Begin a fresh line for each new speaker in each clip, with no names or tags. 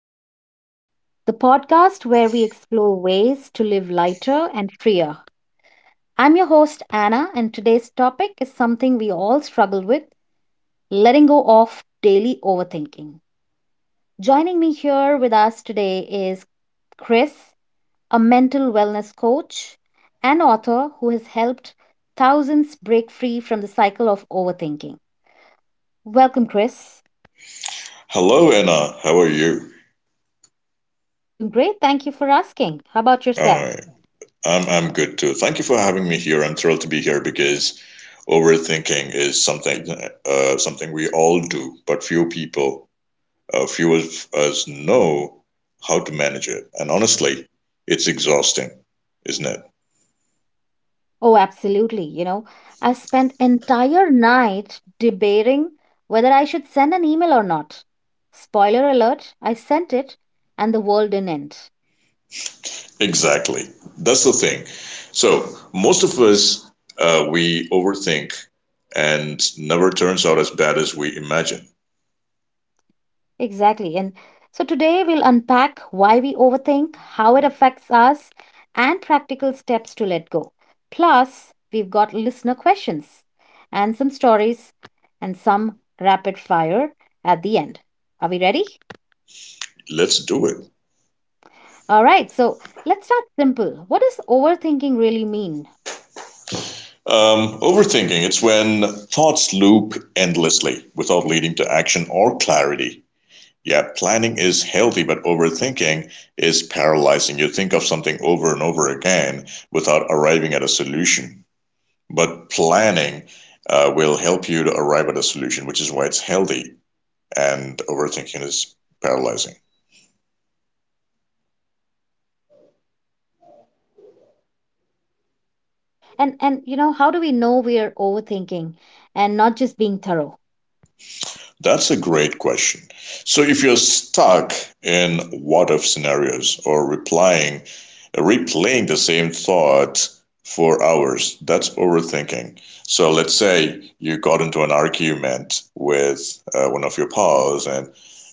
Mindfulness, the podcast where we explore ways to live lighter and freer. I'm your host, Anna, and today's topic is something we all struggle with: letting go of daily overthinking. Joining me here with us today is Chris, a mental wellness coach and author who has helped thousands break free from the cycle of overthinking. Welcome, Chris.
Hello, Anna. How are you?
I'm doing great. Thank you for asking. How about yourself?
Alright. I'm good too. Thank you for having me here. I'm thrilled to be here because overthinking is something something we all do, but few people, few of us know how to manage it. And honestly, it's exhausting, isn't it?
Oh, absolutely. You know, I spent entire night debating whether I should send an email or not. Spoiler alert, I sent it and the world didn't end.
Exactly. That's the thing. So most of us we overthink, and never turns out as bad as we imagine.
Exactly. And so today we'll unpack why we overthink, how it affects us, and practical steps to let go. Plus, we've got listener questions and some stories and some rapid fire at the end. Are we ready?
Let's do it.
All right, so let's start simple. What does overthinking really mean?
Overthinking, it's when thoughts loop endlessly without leading to action or clarity. Yeah, planning is healthy, but overthinking is paralyzing. You think of something over and over again without arriving at a solution. But planning will help you to arrive at a solution, which is why it's healthy, and overthinking is paralyzing.
And you know, how do we know we are overthinking and not just being thorough?
That's a great question. So if you're stuck in what if scenarios or replying replaying the same thought for hours, that's overthinking. So let's say you got into an argument with one of your pals and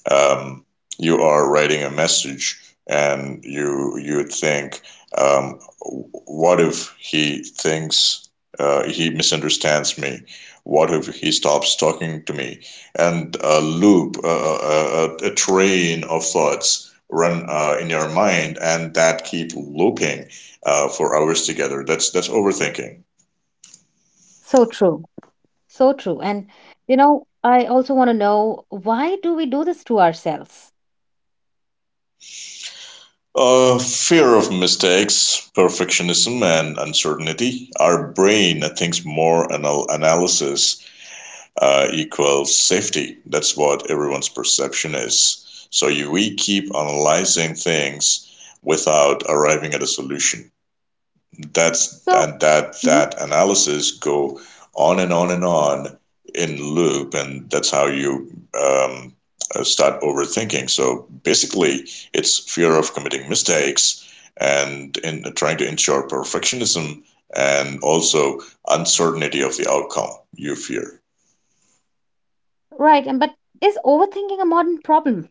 um, you are writing a message and you think um, what if he thinks he misunderstands me? What if he stops talking to me? And a loop, train of thoughts run in your mind, and that keep looping for hours together. That's overthinking.
So true. So true. And you know, I also want to know why do we do this to ourselves?
Fear of mistakes, perfectionism, and uncertainty. Our brain thinks more analysis equals safety. That's what everyone's perception is. So you, we keep analyzing things without arriving at a solution. That's
So,
that that
mhm.
that analysis go on and on and on in loop, and that's how you start overthinking. So basically, it's fear of committing mistakes and in trying to ensure perfectionism and also uncertainty of the outcome you fear.
Right, and but is overthinking a modern problem?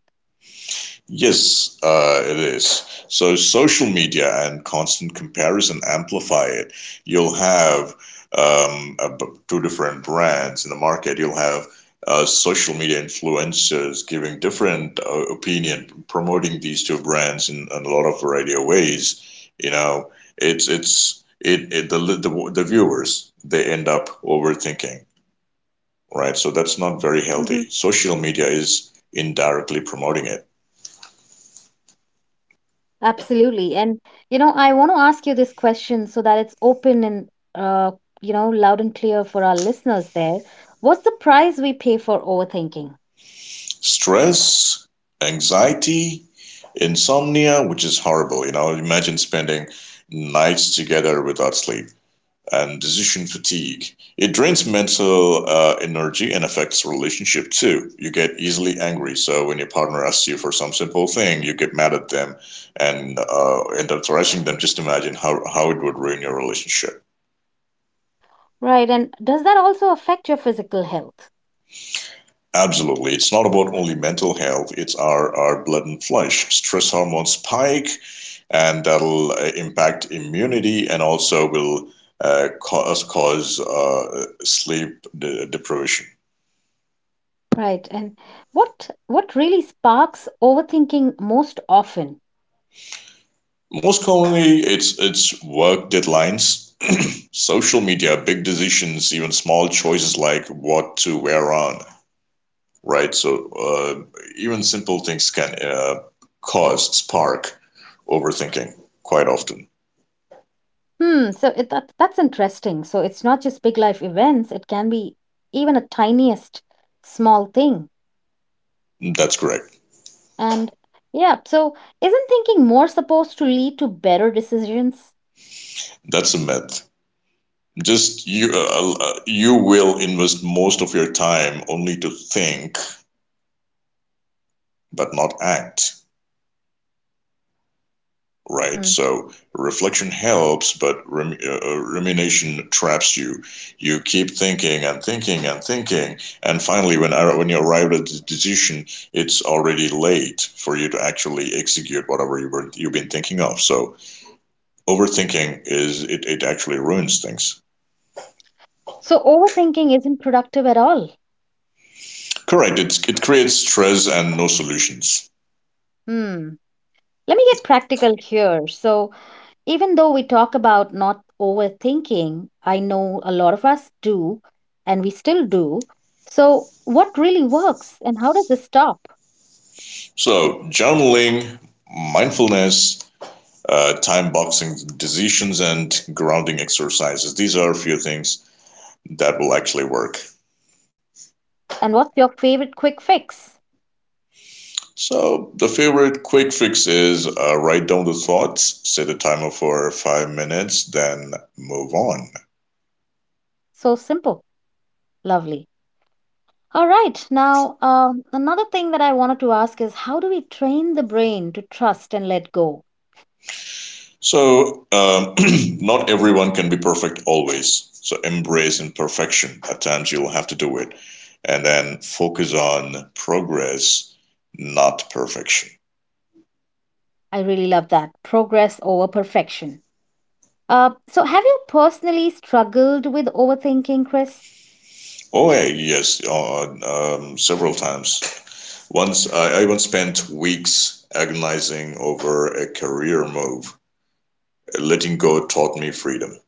Yes, it is. So social media and constant comparison amplify it. You'll have um, ab- two different brands in the market. You'll have social media influencers giving different opinion, promoting these two brands in a lot of variety of ways. You know, it's it, it the, li- the viewers they end up overthinking, right? So that's not very
Mhm.
healthy. Social media is indirectly promoting it.
Absolutely. And you know, I want to ask you this question so that it's open and uh, you know, loud and clear for our listeners there. What's the price we pay for overthinking?
Stress, anxiety, insomnia, which is horrible. You know, imagine spending nights together without sleep and decision fatigue. It drains mental energy and affects relationship too. You get easily angry. So when your partner asks you for some simple thing, you get mad at them and end up thrashing them. Just imagine how it would ruin your relationship.
Right, and does that also affect your physical health?
Absolutely. It's not about only mental health, it's our blood and flesh. Stress hormones spike, and that'll impact immunity and also will cause sleep deprivation.
Right, and what really sparks overthinking most often?
Most commonly, it's work deadlines, social media, big decisions, even small choices like what to wear on. Right, so even simple things can cause spark overthinking quite often.
Hmm, so that's interesting. So it's not just big life events, it can be even a tiniest small thing.
That's correct.
And yeah, so isn't thinking more supposed to lead to better decisions?
That's a myth, just you you will invest most of your time only to think but not act, right?
Hmm,
So reflection helps, but rumination traps you. You keep thinking and thinking and thinking, and finally, when you arrive at the decision, it's already late for you to actually execute whatever you've been thinking of. So overthinking is it actually ruins things.
so overthinking isn't productive at all.
Correct. It creates stress and no solutions.
Hmm, let me get practical here. So, even though we talk about not overthinking, I know a lot of us do, and we still do. So, what really works and how does this stop?
So journaling, mindfulness, time boxing decisions and grounding exercises. These are a few things that will actually work.
And what's your favorite quick fix?
So, the favorite quick fix is write down the thoughts, set a timer for 5 minutes, then move on.
So simple. Lovely. All right. Now, another thing that I wanted to ask is how do we train the brain to trust and let go?
So, not everyone can be perfect always. So, embrace imperfection. At times, you'll have to do it. And then focus on progress, not perfection.
I really love that. Progress over perfection. So, have you personally struggled with overthinking, Chris?
Oh, hey, yes, several times. Once I once spent weeks agonizing over a career move. Letting go taught me freedom.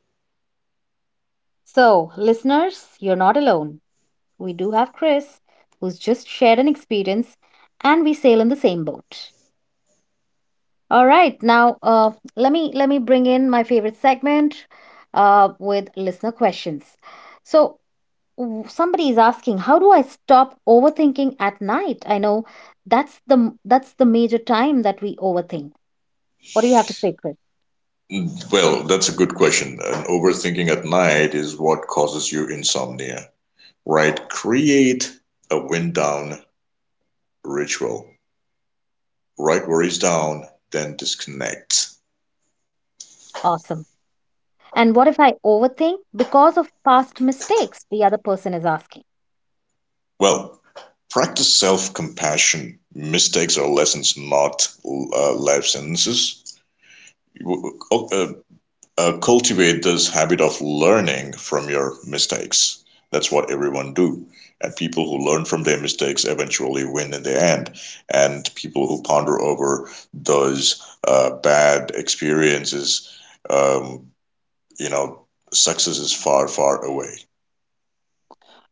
So, listeners, you're not alone. We do have Chris, who's just shared an experience, and we sail in the same boat. All right, now let me bring in my favorite segment with listener questions. So somebody is asking, how do I stop overthinking at night? I know that's the major time that we overthink. What do you have to say, Chris?
Mm, well, that's a good question. And overthinking at night is what causes you insomnia, right? Create a wind down ritual. Write worries down, then disconnect.
Awesome. And what if I overthink because of past mistakes? The other person is asking.
Well, practice self compassion. Mistakes are lessons, not life sentences. Cultivate this habit of learning from your mistakes. That's what everyone do. And people who learn from their mistakes eventually win in the end. And people who ponder over those bad experiences, um, you know, success is far, far away.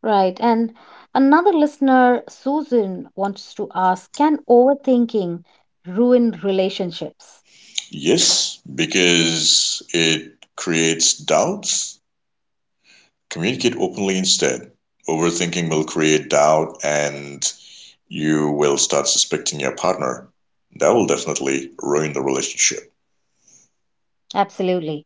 Right. And another listener, Susan, wants to ask: can overthinking ruin relationships?
Yes, because it creates doubts. Communicate openly instead. Overthinking will create doubt and you will start suspecting your partner. That will definitely ruin the relationship.
Absolutely.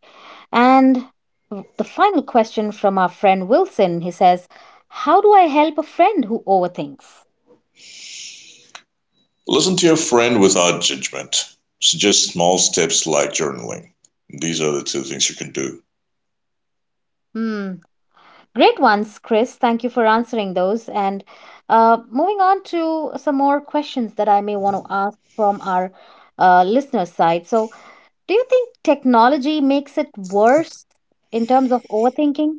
And the final question from our friend Wilson, he says, how do I help a friend who overthinks?
Listen to your friend without judgment. Suggest small steps like journaling. These are the two things you can do.
Hmm. Great ones, Chris. Thank you for answering those. And moving on to some more questions that I may want to ask from our listener side. So, do you think technology makes it worse in terms of overthinking?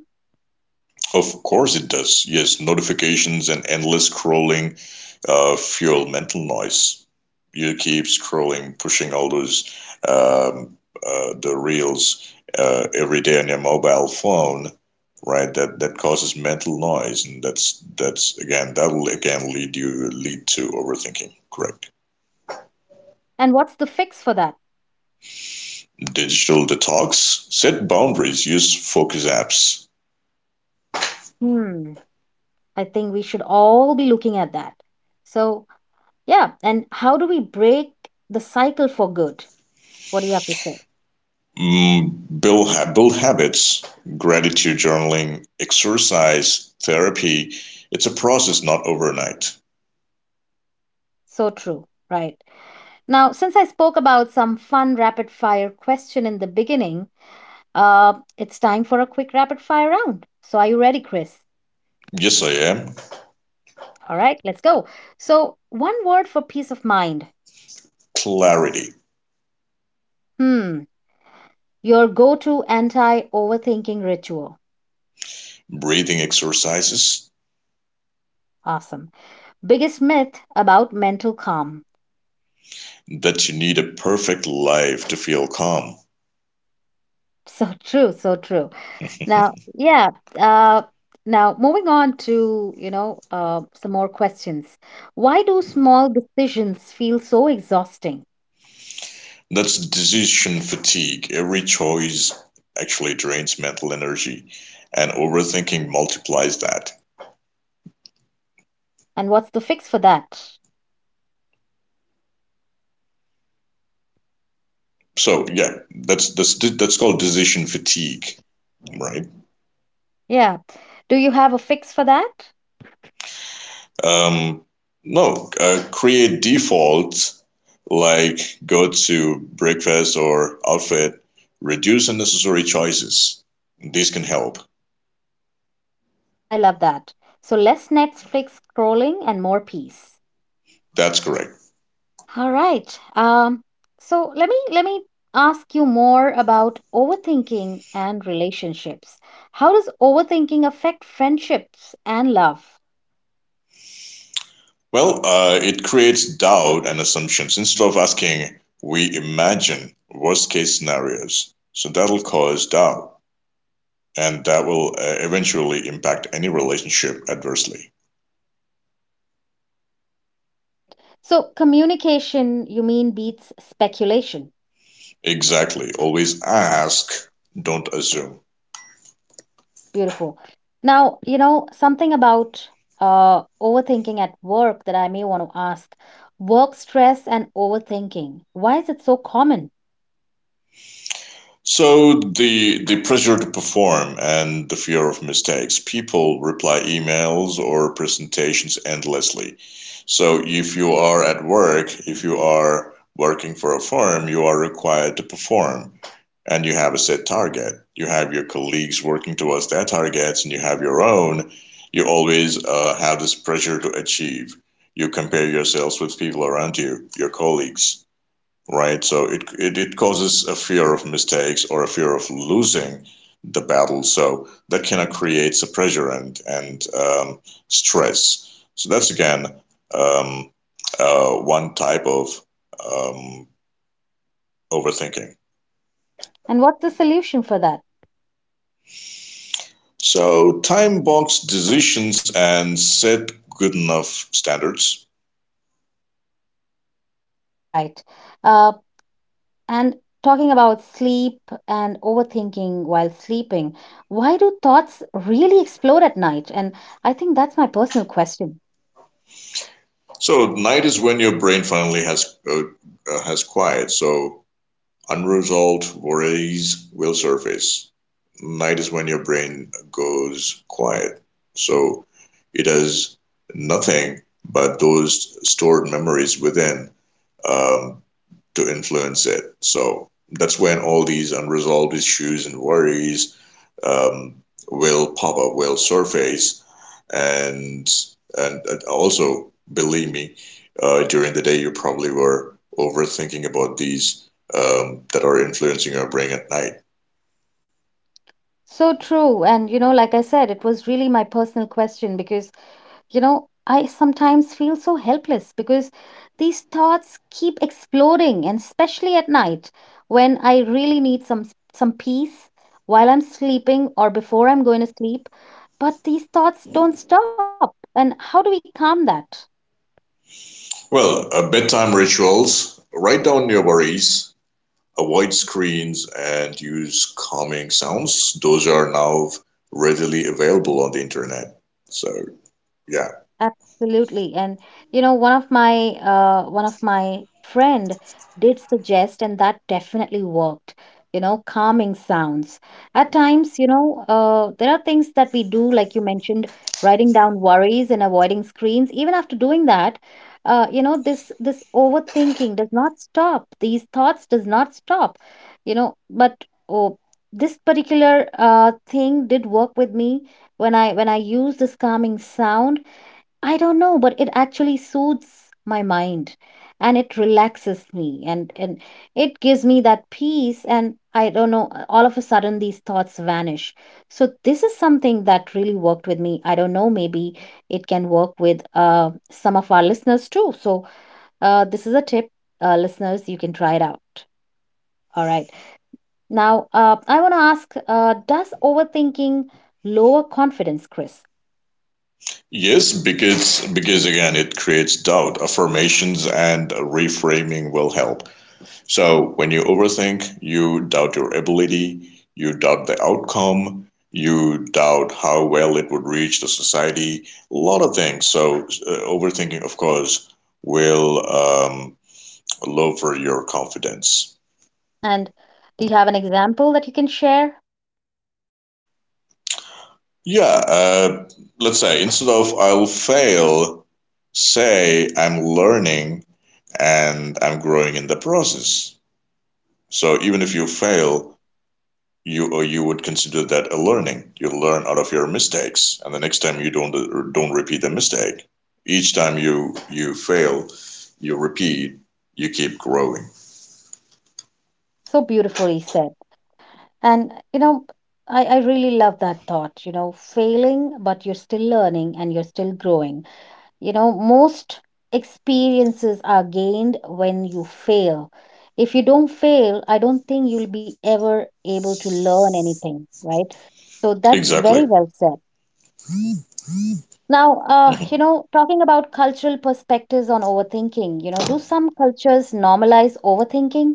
Of course it does, yes, notifications and endless scrolling, fuel mental noise. You keep scrolling, pushing all those the reels every day on your mobile phone, right? That causes mental noise, and that's again that will again lead you lead to overthinking. Correct.
And what's the fix for that?
Digital detox. Set boundaries. Use focus apps.
Hmm, I think we should all be looking at that. So, yeah, and how do we break the cycle for good? What do you have to say?
Mm, build habits, gratitude journaling, exercise, therapy. It's a process, not overnight.
So true, right? Now, since I spoke about some fun rapid fire question in the beginning, it's time for a quick rapid fire round. So, are you ready, Chris?
Yes, I am.
All right, let's go. So, one word for peace of mind.
Clarity,
Hmm. Your go to anti overthinking ritual.
breathing exercises,
Awesome. Biggest myth about mental calm.
that you need a perfect life to feel calm.
So true, so true. Now, yeah, uh, now moving on to, you know, some more questions. Why do small decisions feel so exhausting?
That's decision fatigue. Every choice actually drains mental energy, and overthinking multiplies that.
And what's the fix for that?
So yeah, that's called decision fatigue, right?
Yeah. Do you have a fix for that?
Um, no, create defaults like go to breakfast or outfit, reduce unnecessary choices. This can help.
I love that. So less Netflix scrolling and more peace.
That's correct.
All right. So let me ask you more about overthinking and relationships. How does overthinking affect friendships and love?
Well, it creates doubt and assumptions instead of asking, we imagine worst case scenarios. So that'll cause doubt and that will eventually impact any relationship adversely.
Right. So communication, you mean, beats speculation.
Exactly. Always ask, don't assume.
Beautiful. Now, you know, something about overthinking at work that I may want to ask. Work stress and overthinking. Why is it so common?
So the pressure to perform and the fear of mistakes. People reply emails or presentations endlessly. So if you are at work, if you are working for a firm, you are required to perform and you have a set target. You have your colleagues working towards their targets and you have your own. You always have this pressure to achieve. You compare yourselves with people around you, your colleagues, right? So it it causes a fear of mistakes or a fear of losing the battle. So that kind of creates a pressure and stress. So that's again um, one type of um, overthinking.
And what's the solution for that?
So time box decisions and set good enough standards.
All right. Uh And talking about sleep and overthinking while sleeping, why do thoughts really explode at night? And I think that's my personal question.
So night is when your brain finally has quiet. So unresolved worries will surface. Night is when your brain goes quiet. So it has nothing but those stored memories within um, to influence it. So that's when all these unresolved issues and worries um, will pop up, will surface and and also believe me, during the day you probably were overthinking about these, that are influencing your brain at night.
So true. And, you know, like I said, it was really my personal question because, you know, I sometimes feel so helpless because these thoughts keep exploding, and especially at night when I really need some peace while I'm sleeping or before I'm going to sleep. But these thoughts don't stop. And how do we calm that?
Well, bedtime rituals: write down your worries, avoid screens, and use calming sounds. Those are now readily available on the internet. So yeah,
Absolutely. And you know, one of my friend did suggest, and that definitely worked, you know, calming sounds. At times, you know, there are things that we do, like you mentioned, writing down worries and avoiding screens. Even after doing that, you know, this overthinking does not stop. These thoughts does not stop, you know, but oh, this particular thing did work with me when I use this calming sound. I don't know, but it actually soothes my mind and it relaxes me, and it gives me that peace. And I don't know, all of a sudden these thoughts vanish. So, this is something that really worked with me. I don't know, maybe it can work with some of our listeners too. So, this is a tip, listeners, you can try it out. All right. Now, I want to ask, does overthinking lower confidence, Chris?
yes, because again, it creates doubt. Affirmations and reframing will help. So when you overthink, you doubt your ability, you doubt the outcome, you doubt how well it would reach the society, a lot of things. So overthinking, of course, will lower your confidence.
And do you have an example that you can share?
Yeah, let's say instead of I'll fail, say I'm learning and I'm growing in the process. So even if you fail, you would consider that a learning. You learn out of your mistakes, and the next time you don't repeat the mistake. Each time you fail, you repeat, you keep growing.
So beautifully said. And, you know, I really love that thought, you know, failing, but you're still learning and you're still growing. You know, most experiences are gained when you fail. If you don't fail, I don't think you'll be ever able to learn anything, right? So that's
Exactly.
very well said. Now,
Hmm.
you know, talking about cultural perspectives on overthinking, you know, do some cultures normalize overthinking?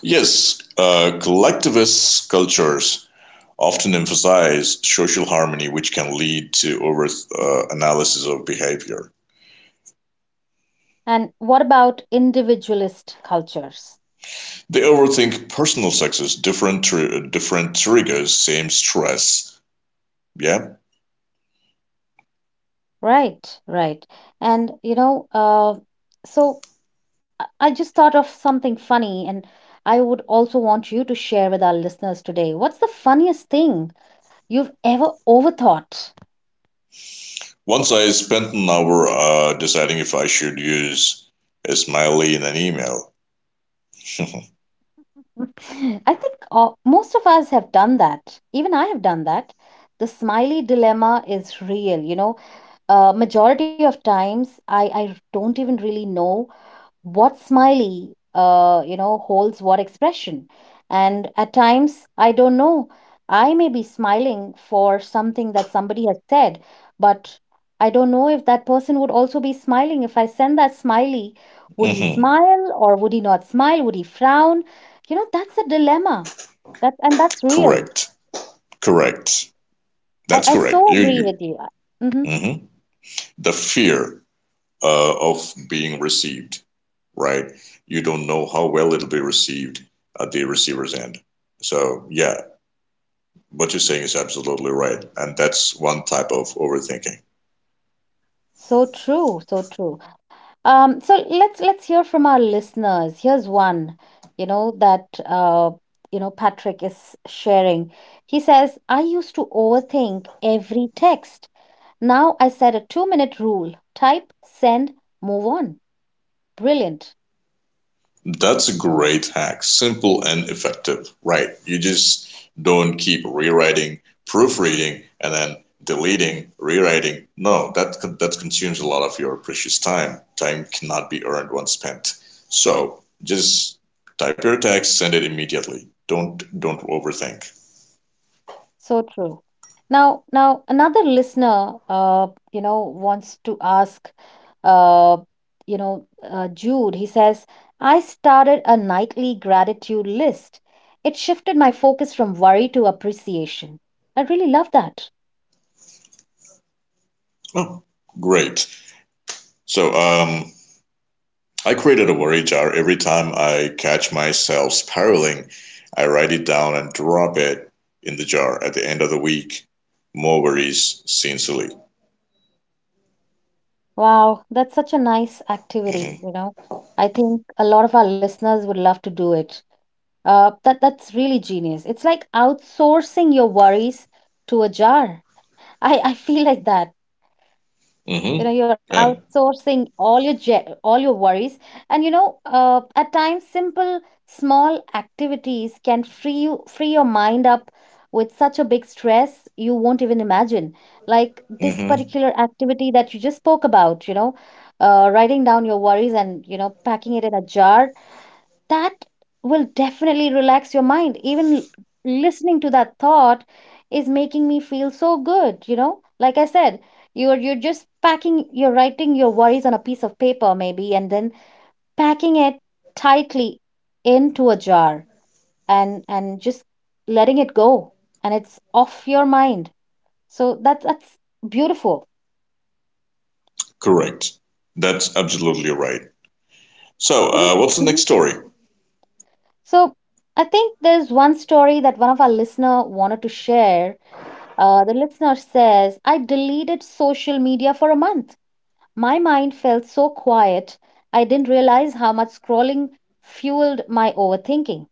Yes, collectivist cultures often emphasize social harmony, which can lead to over analysis of behavior.
And what about individualist cultures?
They overthink personal success, different triggers, same stress. Yeah.
Right, right. And you know, so I just thought of something funny, and I would also want you to share with our listeners today. What's the funniest thing you've ever overthought?
Once I spent an hour deciding if I should use a smiley in an email.
I think most of us have done that. Even I have done that. The smiley dilemma is real, you know. Majority of times, I don't even really know what smiley, you know, holds what expression, and at times I don't know, I may be smiling for something that somebody has said, but I don't know if that person would also be smiling if I send that smiley. Would he
Hmm.
smile or would he not smile? Would he frown? You know, that's a dilemma, that's real.
Correct. Correct.
I,
That's correct.
so agree with you. Mm-hmm.
Hmm, the fear of being received, right? You don't know how well it'll be received at the receiver's end. So, yeah, what you're saying is absolutely right. And that's one type of overthinking.
So true, so true. So let's hear from our listeners. Here's one, you know, that you know, Patrick is sharing. He says, I used to overthink every text. Now I set a two-minute rule. Type, send, move on. Brilliant.
That's a great hack. Simple and effective. Right. You just don't keep rewriting, proofreading, and then deleting, rewriting. No, that consumes a lot of your precious time. Time cannot be earned once spent. So just type your text, send it immediately. Don't overthink.
So true. Now, another listener, you know, wants to ask, uh, you know, Jude. He says, "I started a nightly gratitude list. It shifted my focus from worry to appreciation." I really love that.
Oh, great. So I created a worry jar. Every time I catch myself spiraling, I write it down and drop it in the jar at the end of the week. More worries, sincerely.
Wow, that's such a nice activity.
Mm-hmm.
You know, I think a lot of our listeners would love to do it. That that's really genius. It's like outsourcing your worries to a jar. I feel like that. You know,
Mm-hmm.
you're
And
outsourcing all your worries, and you know, at times simple small activities can free your mind up with such a big stress you won't even imagine, like this
mm-hmm.
particular activity that you just spoke about, you know, writing down your worries and, you know, packing it in a jar, that will definitely relax your mind. Even listening to that thought is making me feel so good, you know? Like I said, you're just packing, you're writing your worries on a piece of paper maybe, and then packing it tightly into a jar, and just letting it go, and it's off your mind. So that's beautiful.
Correct. That's absolutely right. So,
What do—
what's the
mhm.
next story?
So I think there's one story that one of our listener wanted to share. The listener says, I deleted social media for a month. My mind felt so quiet. I didn't realize how much scrolling fueled my overthinking.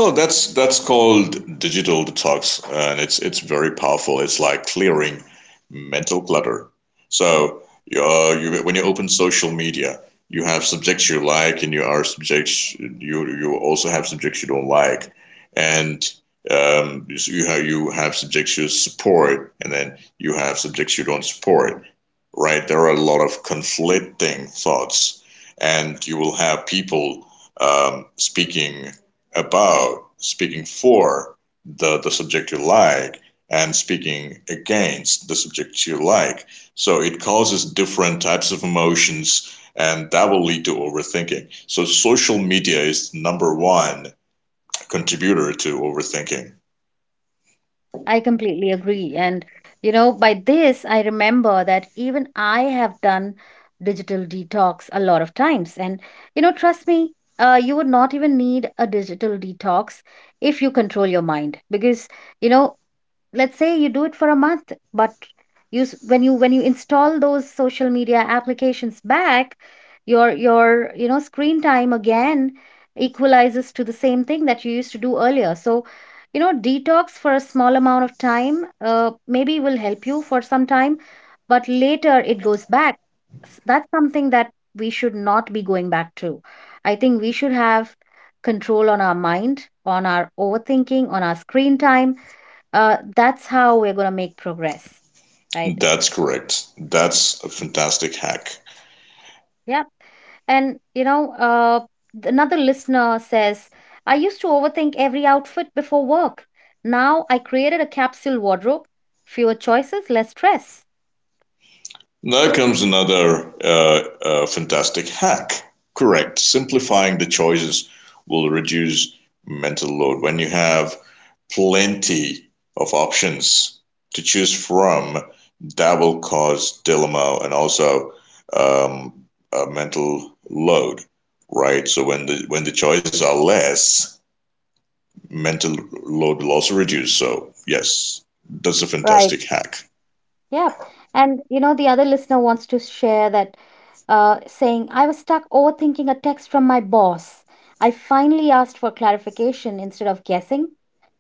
Oh, that's called digital detox, and it's very powerful. It's like clearing mental clutter. So you when you open social media, you have subjects you like, and you also have subjects you don't like, and you have subjects you support, and then you have subjects you don't support, right? There are a lot of conflicting thoughts, and you will have people um, speaking speaking for the subject you like, and speaking against the subject you like. So it causes different types of emotions, and that will lead to overthinking. So social media is the number one contributor to overthinking.
I completely agree. And, you know, by this, I remember that even I have done digital detox a lot of times. And, trust me, you would not even need a digital detox if you control your mind because, you know, let's say you do it for a month, but when you install those social media applications back, your screen time again equalizes to the same thing that you used to do earlier. So, detox for a small amount of time, maybe will help you for some time, but later it goes back. That's something that we should not be going back to. I think we should have control on our mind, on our overthinking, on our screen time. That's how we're going to make progress, right?
That's correct. That's a fantastic hack.
Yeah, and another listener says, I used to overthink every outfit before work. Now I created a capsule wardrobe. Fewer choices, less stress.
There comes another fantastic hack. Correct. Simplifying the choices will reduce mental load. When you have plenty of options to choose from, that will cause dilemma and also um, a mental load, right? So when the choices are less, mental load will also reduce. So yes, that's a
Right.
fantastic hack.
Yeah, and the other listener wants to share that, saying, I was stuck overthinking a text from my boss. I finally asked for clarification instead of guessing.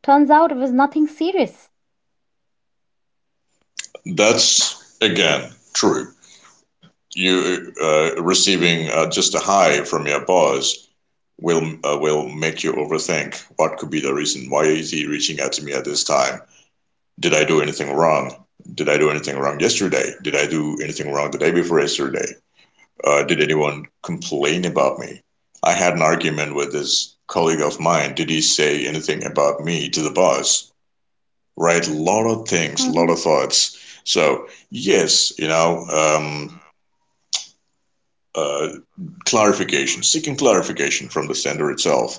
Turns out it was nothing serious.
That's again true. You receiving just a high from your boss will make you overthink, what could be the reason, why is he reaching out to me at this time, did I do anything wrong, did I do anything wrong yesterday, did I do anything wrong the day before yesterday, did anyone complain about me, I had an argument with this colleague of mine, did he say anything about me to the boss, right? A lot of things, a lot of thoughts. So yes, you know, um, uh, clarification, seeking clarification from the sender itself,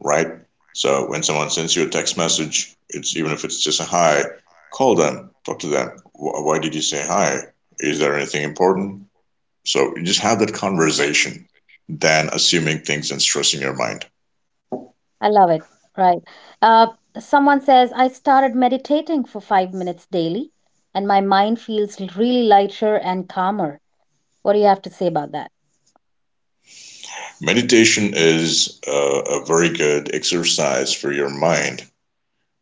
right? So when someone sends you a text message, it's, even if it's just a hi, call them, talk to them. Why did you say hi? Is there anything important? So you just have that conversation than assuming things and stressing your mind.
I love it. Right. Uh, Someone says, I started meditating for 5 minutes daily, and my mind feels really lighter and calmer. What do you have to say about that?
Meditation is a very good exercise for your mind,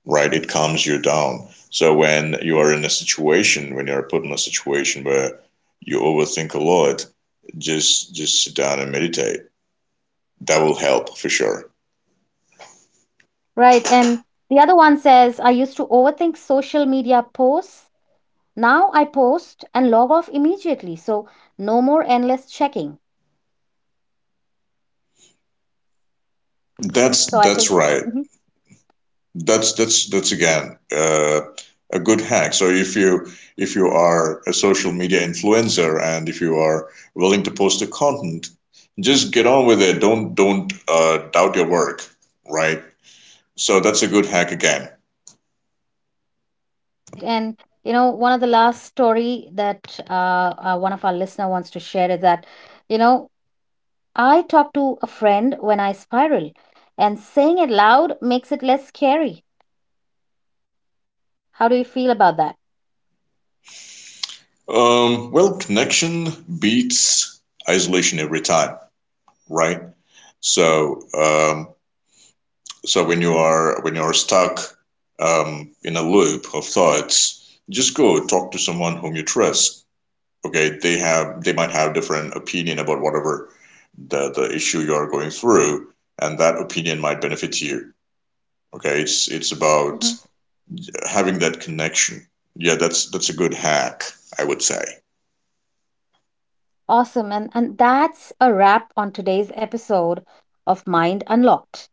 right? It calms you down. So when you are in a situation, when you are put in a situation where you overthink a lot, just sit down and meditate. That will help for sure.
Right. And the other one says, I used to overthink social media posts. Now I post and log off immediately. So no more endless checking.
That's
So I
that's
think,
right.
mhm.
That's again a good hack. So if you, if you are a social media influencer and if you are willing to post the content, just get on with it. Don't doubt your work, right? So that's a good hack again.
Right. And, one of the last story that one of our listener wants to share is that, you know, I talk to a friend when I spiral, and saying it loud makes it less scary. How do you feel about that?
Well, connection beats isolation every time, right? So, so when you are, when you are stuck in a loop of thoughts, just go talk to someone whom you trust. Okay, they might have different opinion about whatever the issue you are going through, and that opinion might benefit you. Okay, it's about having that connection. Yeah, that's a good hack, I would say.
Awesome. And that's a wrap on today's episode of Mind Unlocked.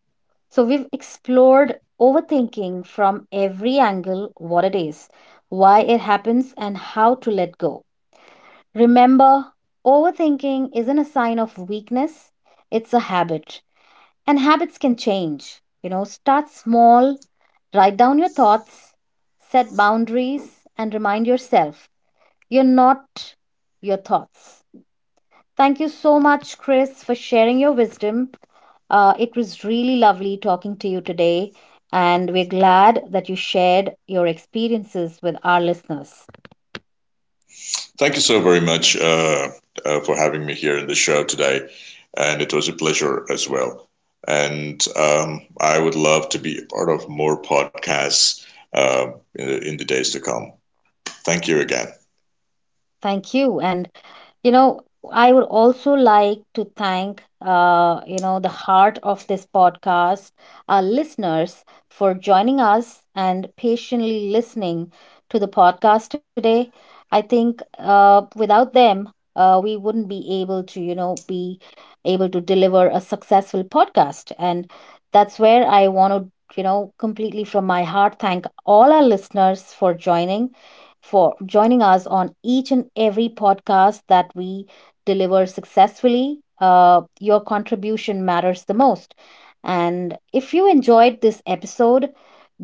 So, we've explored overthinking from every angle: what it is, why it happens, and how to let go. Remember, overthinking isn't a sign of weakness, it's a habit, and habits can change. You know, start small, write down your thoughts, set boundaries, and remind yourself you're not your thoughts. Thank you so much, Chris, for sharing your wisdom. It was really lovely talking to you today, and we're glad that you shared your experiences with our listeners.
Thank you so very much for having me here in the show today, and it was a pleasure as well. And I would love to be a part of more podcasts in the days to come. Thank you again.
Thank you, and You know, I would also like to thank, the heart of this podcast, our listeners, for joining us and patiently listening to the podcast today. I think without them, we wouldn't be able to, be able to deliver a successful podcast. And that's where I want to, completely from my heart, thank all our listeners for joining us on each and every podcast that we deliver successfully. Your contribution matters the most. And if you enjoyed this episode,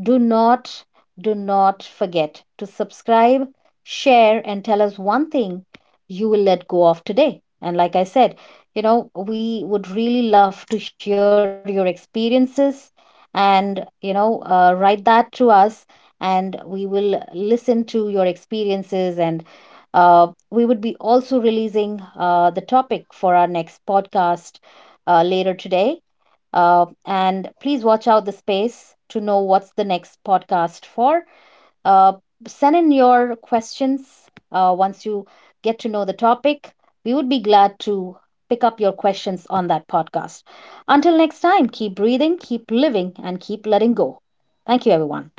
do not do not forget to subscribe, share, and tell us one thing you will let go of today. And like I said, we would really love to hear your experiences and, write that to us, and we will listen to your experiences, and we would be also releasing the topic for our next podcast later today, and please watch out the space to know what's the next podcast for. uh, Send in your questions once you get to know the topic. We would be glad to pick up your questions on that podcast. Until next time, keep breathing, keep living, and keep letting go. Thank you, everyone.